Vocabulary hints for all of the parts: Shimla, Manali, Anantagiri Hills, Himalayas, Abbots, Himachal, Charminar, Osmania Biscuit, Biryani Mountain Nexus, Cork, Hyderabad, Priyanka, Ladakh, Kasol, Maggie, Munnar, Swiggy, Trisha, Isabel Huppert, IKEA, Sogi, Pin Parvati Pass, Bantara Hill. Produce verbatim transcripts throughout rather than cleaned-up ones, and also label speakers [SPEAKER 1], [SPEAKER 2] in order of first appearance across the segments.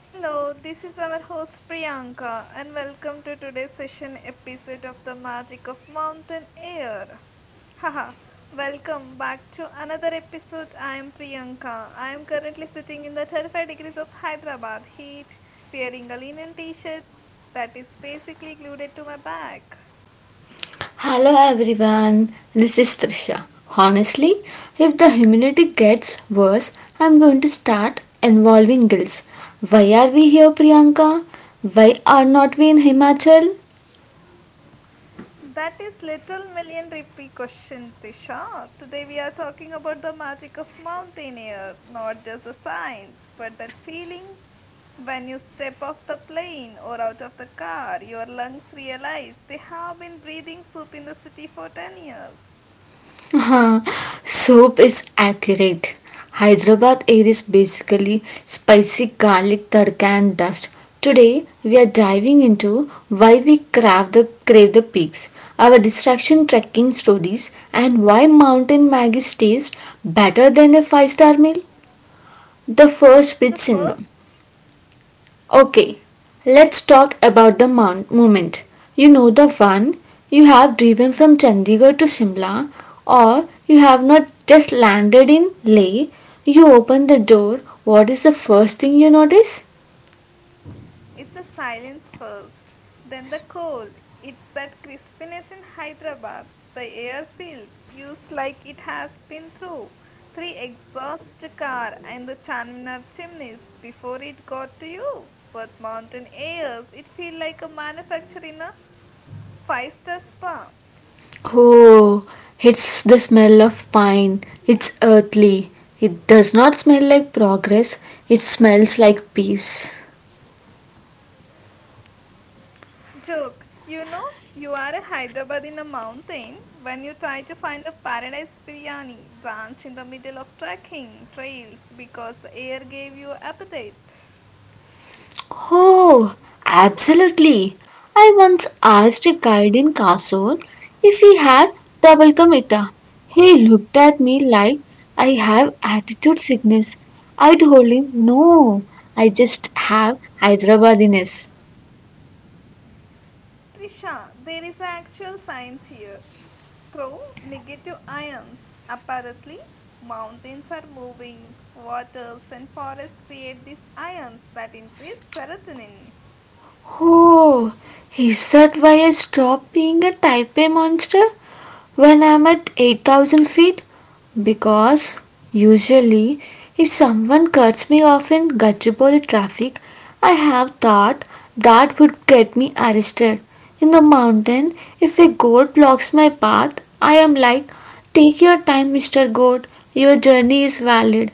[SPEAKER 1] Hello, this is our host Priyanka, and welcome to today's session episode of The Magic of Mountain Air. Haha, Welcome back to another episode. I am Priyanka. I am currently sitting in the thirty-five degrees of Hyderabad heat, wearing a linen t shirt that is basically glued to my back.
[SPEAKER 2] Hello everyone, this is Trisha. Honestly, if the humidity gets worse, I'm going to start involving girls. Why are we here, Priyanka? Why are not we in Himachal?
[SPEAKER 1] That is Little Million Rupee question, Tisha. Today we are talking about the magic of mountain air, not just the science, but that feeling when you step off the plane or out of the car, your lungs realize they have been breathing soup in the city for ten years.
[SPEAKER 2] Soup is accurate. Hyderabad air is basically spicy garlic tadka and dust. Today we are diving into why we crave the crave the peaks, our distraction trekking stories, and why mountain Maggie tastes better than a five-star meal. The first
[SPEAKER 1] The
[SPEAKER 2] bit
[SPEAKER 1] first
[SPEAKER 2] syndrome. Okay, let's talk about the mon- moment. You know the one. You have driven from Chandigarh to Shimla, or you have not just landed in Leh. You open the door. What is the first thing you notice?
[SPEAKER 1] it's a silence first, then the cold. It's that crispiness in Hyderabad. The air feels used like it has been through three exhaust car and the Charminar chimneys before it got to you. But mountain airs, it feel like a manufacturer in a five-star spa.
[SPEAKER 2] Oh, it's the smell of pine. It's earthly. It does not smell like progress. It smells like peace.
[SPEAKER 1] Joke, you know, you are a Hyderabad in a mountain when you try to find the paradise biryani branch in the middle of trekking trails because the air gave you appetite.
[SPEAKER 2] Oh, absolutely. I once asked a guide in Kasol if he had double kamita. He looked at me like I have attitude sickness. I told him, no, I just have Hyderabadiness.
[SPEAKER 1] Trisha, there is actual science here. Throw negative ions, apparently, mountains are moving, waters and forests create these ions that increase serotonin.
[SPEAKER 2] Oh, is that why I stopped being a type A monster when I'm at eight thousand feet? Because usually, if someone cuts me off in Gachibowli traffic, I have thought that would get me arrested. In the mountain, if a goat blocks my path, I am like, take your time, mister Goat, your journey is valid.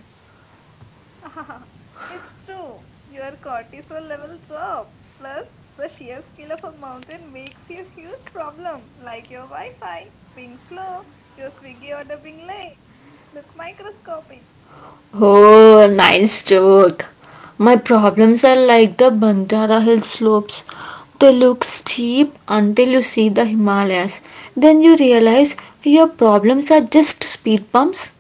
[SPEAKER 1] It's true. Your cortisol level drop. Plus, the sheer scale of a mountain makes you a huge problem, like your Wi-Fi being slow, your Swiggy order being late. Look microscopic.
[SPEAKER 2] Oh, nice joke. My problems are like the Bantara Hill slopes. They look steep until you see the Himalayas. Then you realize your problems are just speed bumps.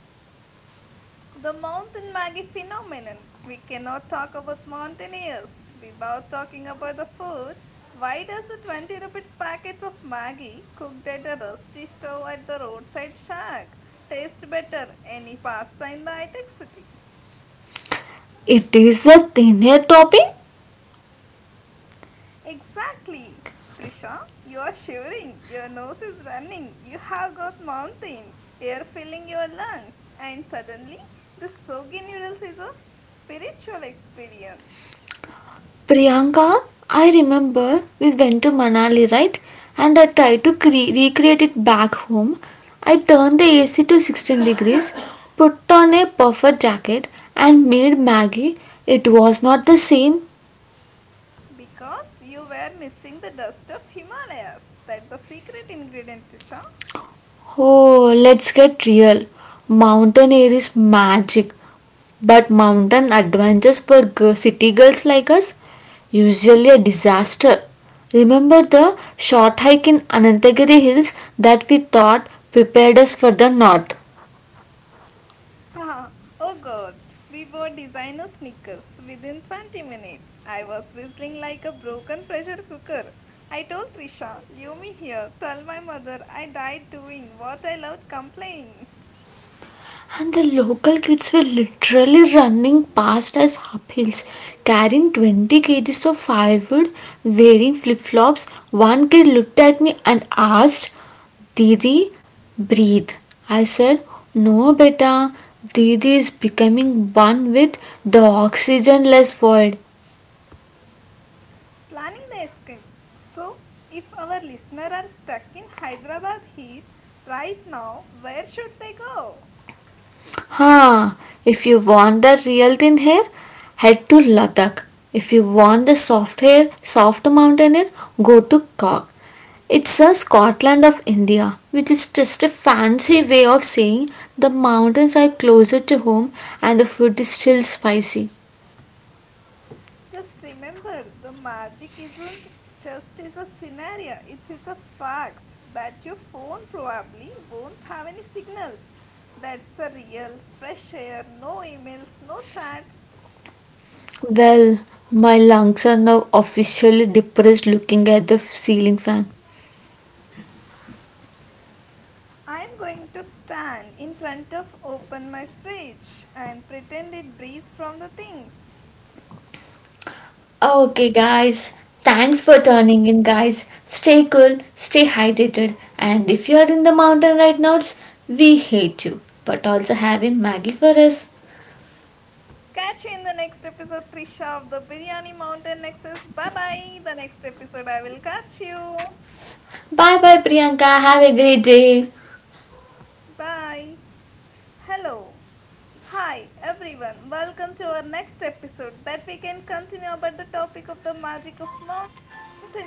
[SPEAKER 1] The mountain Maggie phenomenon. We cannot talk about mountaineers without talking about the food. Why does a twenty rupees packet of Maggie cooked at a rusty stove at the roadside shack taste better any pasta in the high-tech city?
[SPEAKER 2] It is a thin air topping.
[SPEAKER 1] Exactly. Trisha, you are shivering, your nose is running, you have got mountain air filling your lungs, and suddenly the Sogi noodles is a spiritual experience
[SPEAKER 2] Priyanka, I remember we went to Manali, right? And I tried to cre- recreate it back home. I turned the A C to sixteen degrees, put on a puffer jacket, and made Maggie. It was not the same.
[SPEAKER 1] because you were missing the dust of Himalayas. That the secret ingredient, Trisha.
[SPEAKER 2] Oh, let's get real. Mountain air is magic, but mountain adventures for g- city girls like us usually a disaster. Remember the short hike in Anantagiri Hills that we thought prepared us for the north?
[SPEAKER 1] Haha, oh god, we wore designer sneakers within twenty minutes. I was whistling like a broken pressure cooker. I told Trisha, leave me here, tell my mother I died doing what I loved complaining.
[SPEAKER 2] And the local kids were literally running past us uphills, carrying twenty kgs of firewood, wearing flip flops. One kid looked at me and asked, Didi, breathe. I said, no, beta, Didi is becoming one with the oxygenless world.
[SPEAKER 1] Planning the escape. So, if our listeners are stuck in Hyderabad heat right now, where should they go?
[SPEAKER 2] Huh, if you want the real thin hair, head to Ladakh. If you want the soft hair, soft mountain air, go to Cork. It's a Scotland of India, which is just a fancy way of saying the mountains are closer to home and the food is still spicy.
[SPEAKER 1] Just remember, the magic isn't just is a scenario, it's, it's a fact that your phone probably won't have any signals. That's a real fresh air, no emails, no chats.
[SPEAKER 2] Well, my lungs are now officially depressed looking at the ceiling fan.
[SPEAKER 1] I'm going to stand in front of open my fridge and pretend it breathes from the things.
[SPEAKER 2] Okay, guys, thanks for turning in, guys. Stay cool, stay hydrated, and if you are in the mountain right now, it's- we hate you, but also having Maggie for us.
[SPEAKER 1] Catch you in the next episode, Trisha of the Biryani Mountain Nexus. Bye bye. The next episode, I will catch you.
[SPEAKER 2] Bye bye, Priyanka. Have a great day.
[SPEAKER 1] Bye. Hello. Hi everyone. Welcome to our next episode that we can continue about the topic of the magic of mountain air.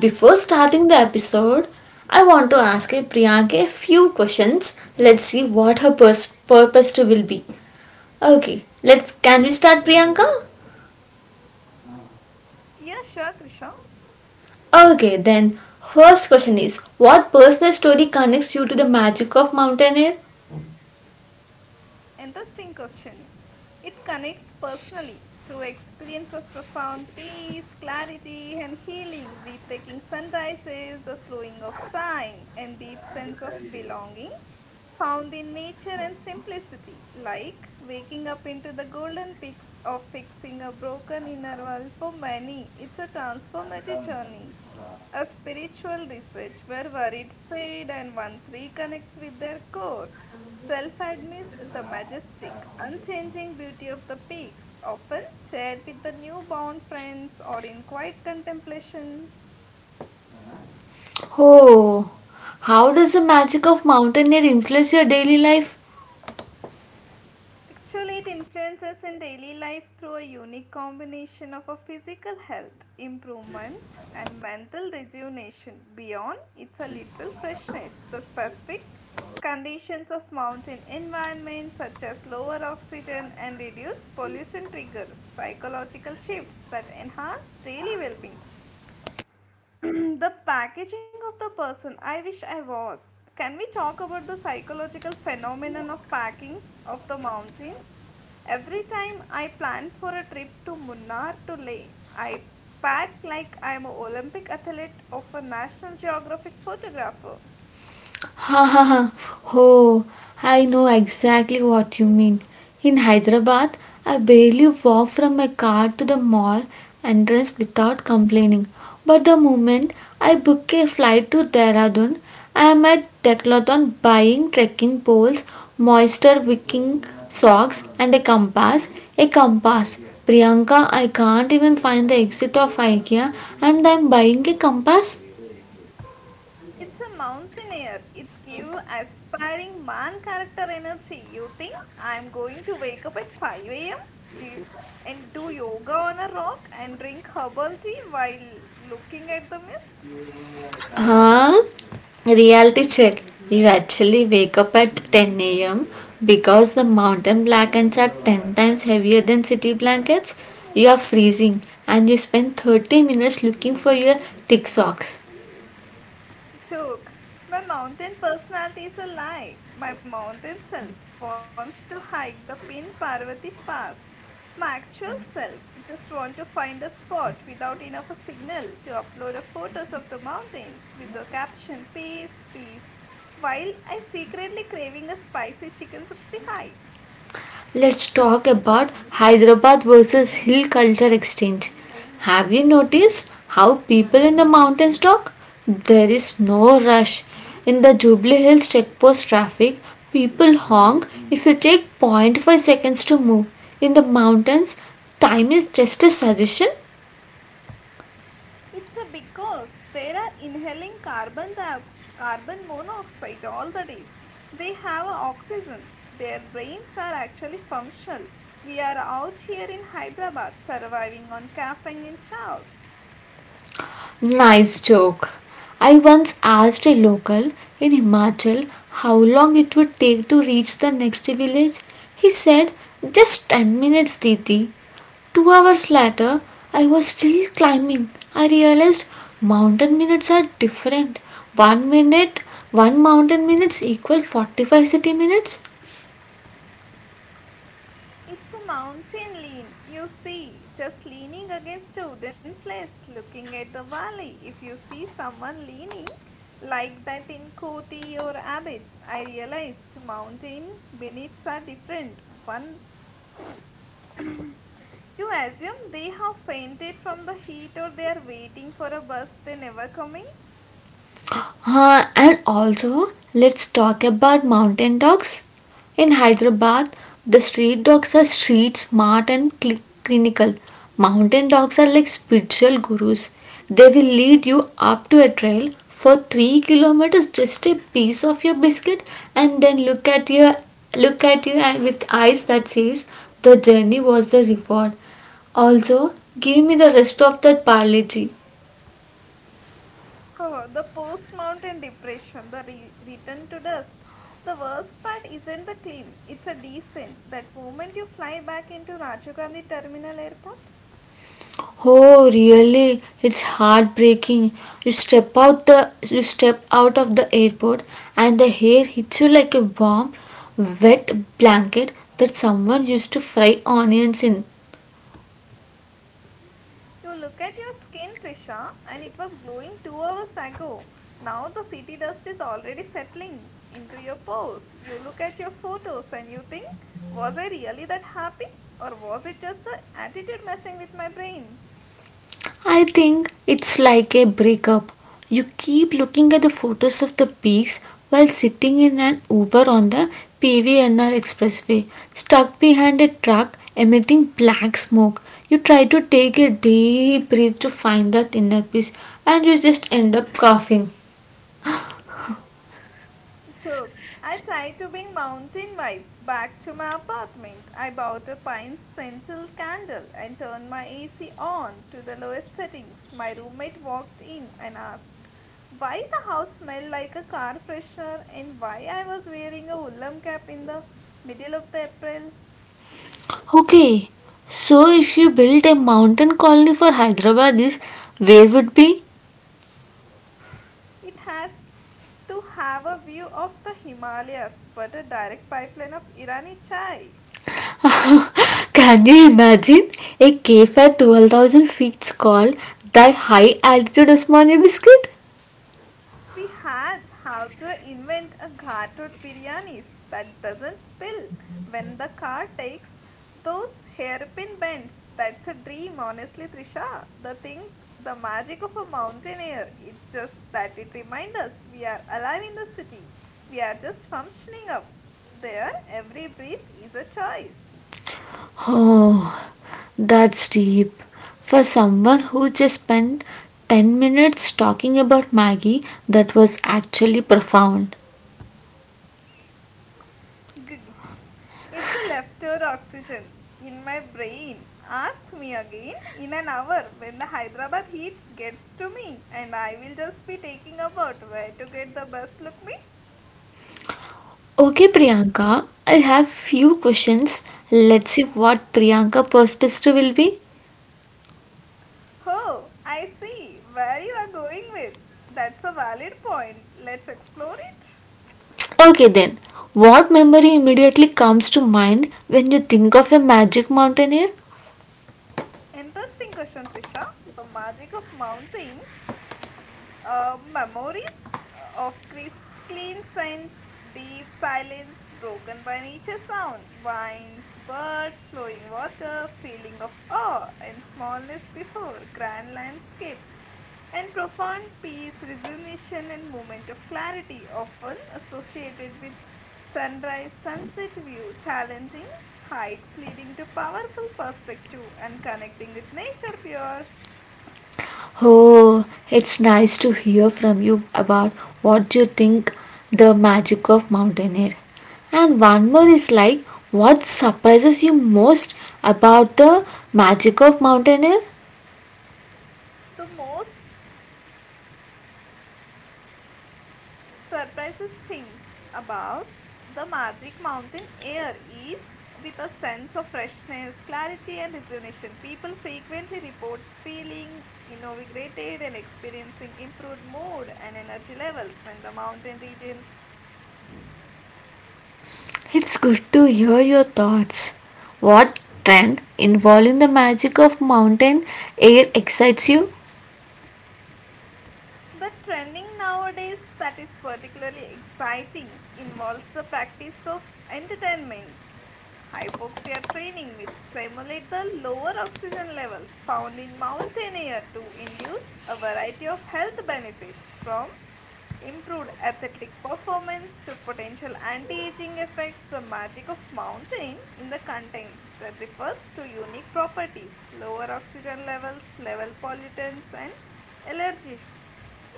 [SPEAKER 2] Before starting the episode, I want to ask a Priyanka a few questions. Let's see what her pers- purpose to will be. Okay, let's can we start Priyanka?
[SPEAKER 1] Yeah, sure, Trisha.
[SPEAKER 2] Okay, then first question is, what personal story connects you to the magic of mountain air?
[SPEAKER 1] Interesting question. It connects personally through experience of profound peace, clarity, and healing, with taking sunrises, the slowing of time, and deep sense of belonging found in nature and simplicity, like waking up into the golden peaks of fixing a broken inner world. For many, it's a transformative journey, a spiritual reset where worried fade and once reconnects with their core. Self amidst the majestic, unchanging beauty of the peaks, often shared with the newborn friends or in quiet contemplation.
[SPEAKER 2] Oh, how does the magic of mountaineer influence your daily life?
[SPEAKER 1] Actually, it influences in daily life through a unique combination of a physical health improvement and mental rejuvenation beyond its a literal freshness. The specific conditions of mountain environment such as lower oxygen and reduced pollution trigger psychological shifts that enhance daily well-being. The packaging of the person I wish I was. Can we talk about the psychological phenomenon of packing of the mountain? Every time I plan for a trip to Munnar to Leh, I pack like I am an Olympic athlete of a National Geographic photographer.
[SPEAKER 2] Ha ha ha. Oh, I know exactly what you mean. In Hyderabad, I barely walk from my car to the mall entrance without complaining. But the moment I book a flight to Dehradun, I am at Decathlon buying trekking poles, moisture wicking socks, and a compass. A compass. Priyanka, I can't even find the exit of IKEA, and I'm buying a compass.
[SPEAKER 1] It's a mountaineer. It's give aspiring man character energy. You think I'm going to wake up at five a m. Do you, and do yoga on a rock and drink herbal tea while looking at the mist?
[SPEAKER 2] Huh? Reality check. You actually wake up at ten a m because the mountain blankets are ten times heavier than city blankets. You are freezing and you spend thirty minutes looking for your thick socks.
[SPEAKER 1] Joke. My mountain personality is a lie. My mountain self wants to hike the Pin Parvati Pass. My actual self just want to find a spot without enough a signal to upload a photos of the mountains with the caption peace peace while I secretly craving a spicy chicken sixty-five.
[SPEAKER 2] Let's talk about Hyderabad versus Hill Culture Exchange. Have you noticed how people in the mountains talk? There is no rush. In the Jubilee Hills checkpost traffic, people honk if you take zero point five seconds to move. In the mountains, time is just a suggestion.
[SPEAKER 1] It's a because they are inhaling carbon dioxide, carbon monoxide all the days. They have oxygen. Their brains are actually functional. We are out here in Hyderabad surviving on caffeine and chaos.
[SPEAKER 2] Nice joke. I once asked a local in Himachal how long it would take to reach the next village. He said, just ten minutes, Didi. Two hours later, I was still climbing. I realized mountain minutes are different. One minute, one mountain minutes equal forty-five city minutes.
[SPEAKER 1] It's a mountain lean, you see, just leaning against a wooden place, looking at the valley. If you see someone leaning like that in Koti or Abbots, I realized mountain minutes are different. One, you assume they have fainted from the heat or they are waiting for a bus they never coming?
[SPEAKER 2] Uh, and also, let's talk about mountain dogs. In Hyderabad, the street dogs are street smart and cli- clinical. Mountain dogs are like spiritual gurus. They will lead you up to a trail for three kilometers just a piece of your biscuit and then look at you look at you and with eyes that says the journey was the reward. Also, give me the rest of that parley.
[SPEAKER 1] Oh, the post mountain depression, the re- return to dust. The worst part isn't the climb, it's a descent. That moment you fly back into Rajiv Gandhi Terminal Airport.
[SPEAKER 2] Oh, really? It's heartbreaking. You step out the you step out of the airport and the hair hits you like a warm, wet blanket that someone used to fry onions in.
[SPEAKER 1] You look at your skin, Trisha, and it was glowing two hours ago. Now the city dust is already settling into your pores. You look at your photos and you think, was I really that happy? Or was it just a attitude messing with my brain?
[SPEAKER 2] I think it's like a breakup. You keep looking at the photos of the peaks while sitting in an Uber on the P V N R expressway, stuck behind a truck emitting black smoke. You try to take a deep breath to find that inner peace, and you just end up coughing.
[SPEAKER 1] Joke. I tried to bring mountain vibes back to my apartment. I bought a pine scented candle and turned my A C on to the lowest settings. My roommate walked in and asked why the house smelled like a car freshener and why I was wearing a woolen cap in the middle of the April.
[SPEAKER 2] Okay, so if you built a mountain colony for Hyderabad, this where would be?
[SPEAKER 1] It has to have a view of the Himalayas but a direct pipeline of Irani chai.
[SPEAKER 2] Can you imagine a cave at twelve thousand feet called the High Altitude Osmania Biscuit?
[SPEAKER 1] We had how to invent a ghatut biryanis that doesn't spill when the car takes those hairpin bends. That's a dream, honestly, Trisha. The thing, the magic of a mountain air. It's just that it reminds us we are alive in the city. We are just functioning up there. Every breath is a choice.
[SPEAKER 2] Oh, that's deep. For someone who just spent ten minutes talking about Maggie, that was actually profound.
[SPEAKER 1] Gug. It's a leftover oxygen in my brain. Ask me again in an hour when the Hyderabad heat gets to me, and I will just be taking about where to get the best look me.
[SPEAKER 2] Okay, Priyanka, I have few questions. Let's see what Priyanka perspective will be.
[SPEAKER 1] Oh, I see where you are going with. That's a valid point. Let's explore it.
[SPEAKER 2] Okay then, what memory immediately comes to mind when you think of a magic mountaineer?
[SPEAKER 1] Interesting question, Trisha. The magic of mountain. Uh, memories of crisp, clean scents, deep silence broken by nature sound, winds, birds, flowing water, feeling of awe and smallness before, grand landscape, and profound peace, resignation, and moment of clarity, often associated with sunrise, sunset view, challenging hikes leading to powerful perspective and connecting with nature pure.
[SPEAKER 2] Oh, it's nice to hear from you about what you think the magic of mountain air. And one more is like, what surprises you most about the magic of mountain air?
[SPEAKER 1] The most surprises things about the Magic Mountain air is with a sense of freshness, clarity and rejuvenation. People frequently reports feeling invigorated and experiencing improved mood and energy levels when the mountain regions.
[SPEAKER 2] It's good to hear your thoughts. What trend involving the magic of mountain air excites you?
[SPEAKER 1] The trending nowadays that is particularly exciting involves the practice of entertainment hypoxia training which simulate the lower oxygen levels found in mountain air to induce a variety of health benefits from improved athletic performance to potential anti-aging effects. The magic of mountain in the contents that refers to unique properties lower oxygen levels level pollutants and allergies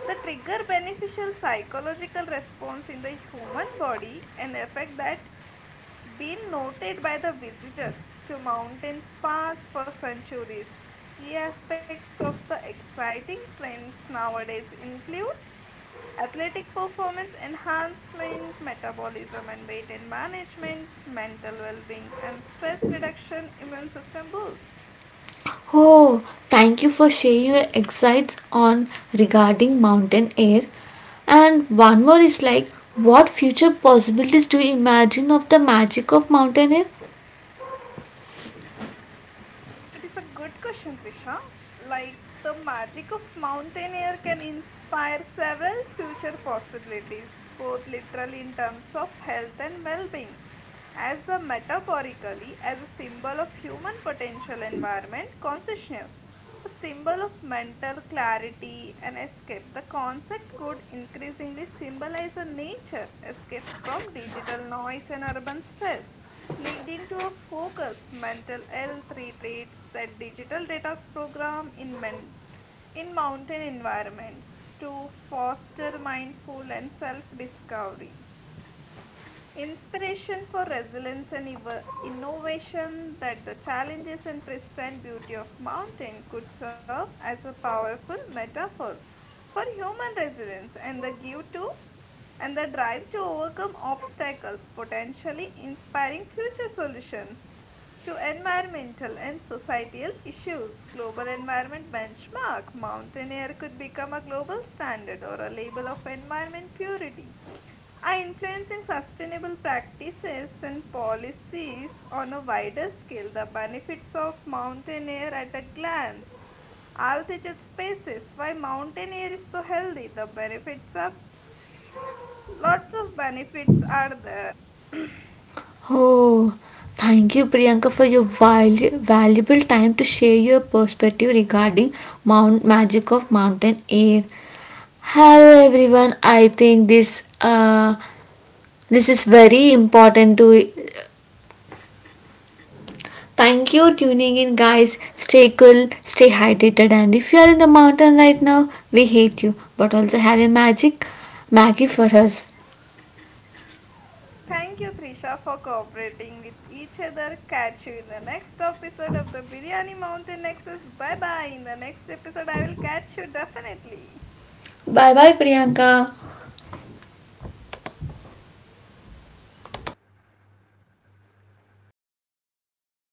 [SPEAKER 1] the trigger beneficial psychological response in the human body, an effect that been noted by the visitors to mountain spas for centuries. Key aspects of the exciting trends nowadays includes athletic performance enhancement, metabolism and weight and management, mental well-being and stress reduction, immune system boost.
[SPEAKER 2] Oh, thank you for sharing your insights on regarding mountain air. And one more is like, what future possibilities do you imagine of the magic of mountain air?
[SPEAKER 1] It is a good question, Trisha. Like the magic of mountain air can inspire several future possibilities, both literally in terms of health and well-being, as the metaphorically as a symbol of human potential environment consciousness, a symbol of mental clarity and escape. The concept could increasingly symbolize a nature escape from digital noise and urban stress, leading to a focus mental health retreats that digital detox program in men in mountain environments to foster mindful and self discovery. Inspiration for resilience and evo- innovation that the challenges and pristine beauty of mountain could serve as a powerful metaphor for human resilience and the give to and the drive to overcome obstacles, potentially inspiring future solutions to environmental and societal issues. Global Environment Benchmark Mountain air could become a global standard or a label of environment purity. Are influencing sustainable practices and policies on a wider scale. The benefits of mountain air at a glance. Altitude spaces. Why mountain air is so healthy. The benefits are lots of benefits are there.
[SPEAKER 2] Oh, thank you, Priyanka, for your valu- valuable time to share your perspective regarding mount magic of mountain air. Hello, everyone. I think this uh, this is very important to. Thank you tuning in, guys. Stay cool, stay hydrated, and if you are in the mountain right now, we hate you, but also have a magic Maggie for us.
[SPEAKER 1] Thank you, Trisha, for cooperating with each other. Catch you in the next episode of the Biryani Mountain Nexus. Bye bye. In the next episode, I will catch you definitely.
[SPEAKER 2] Bye bye, Priyanka.
[SPEAKER 1] In the nineteen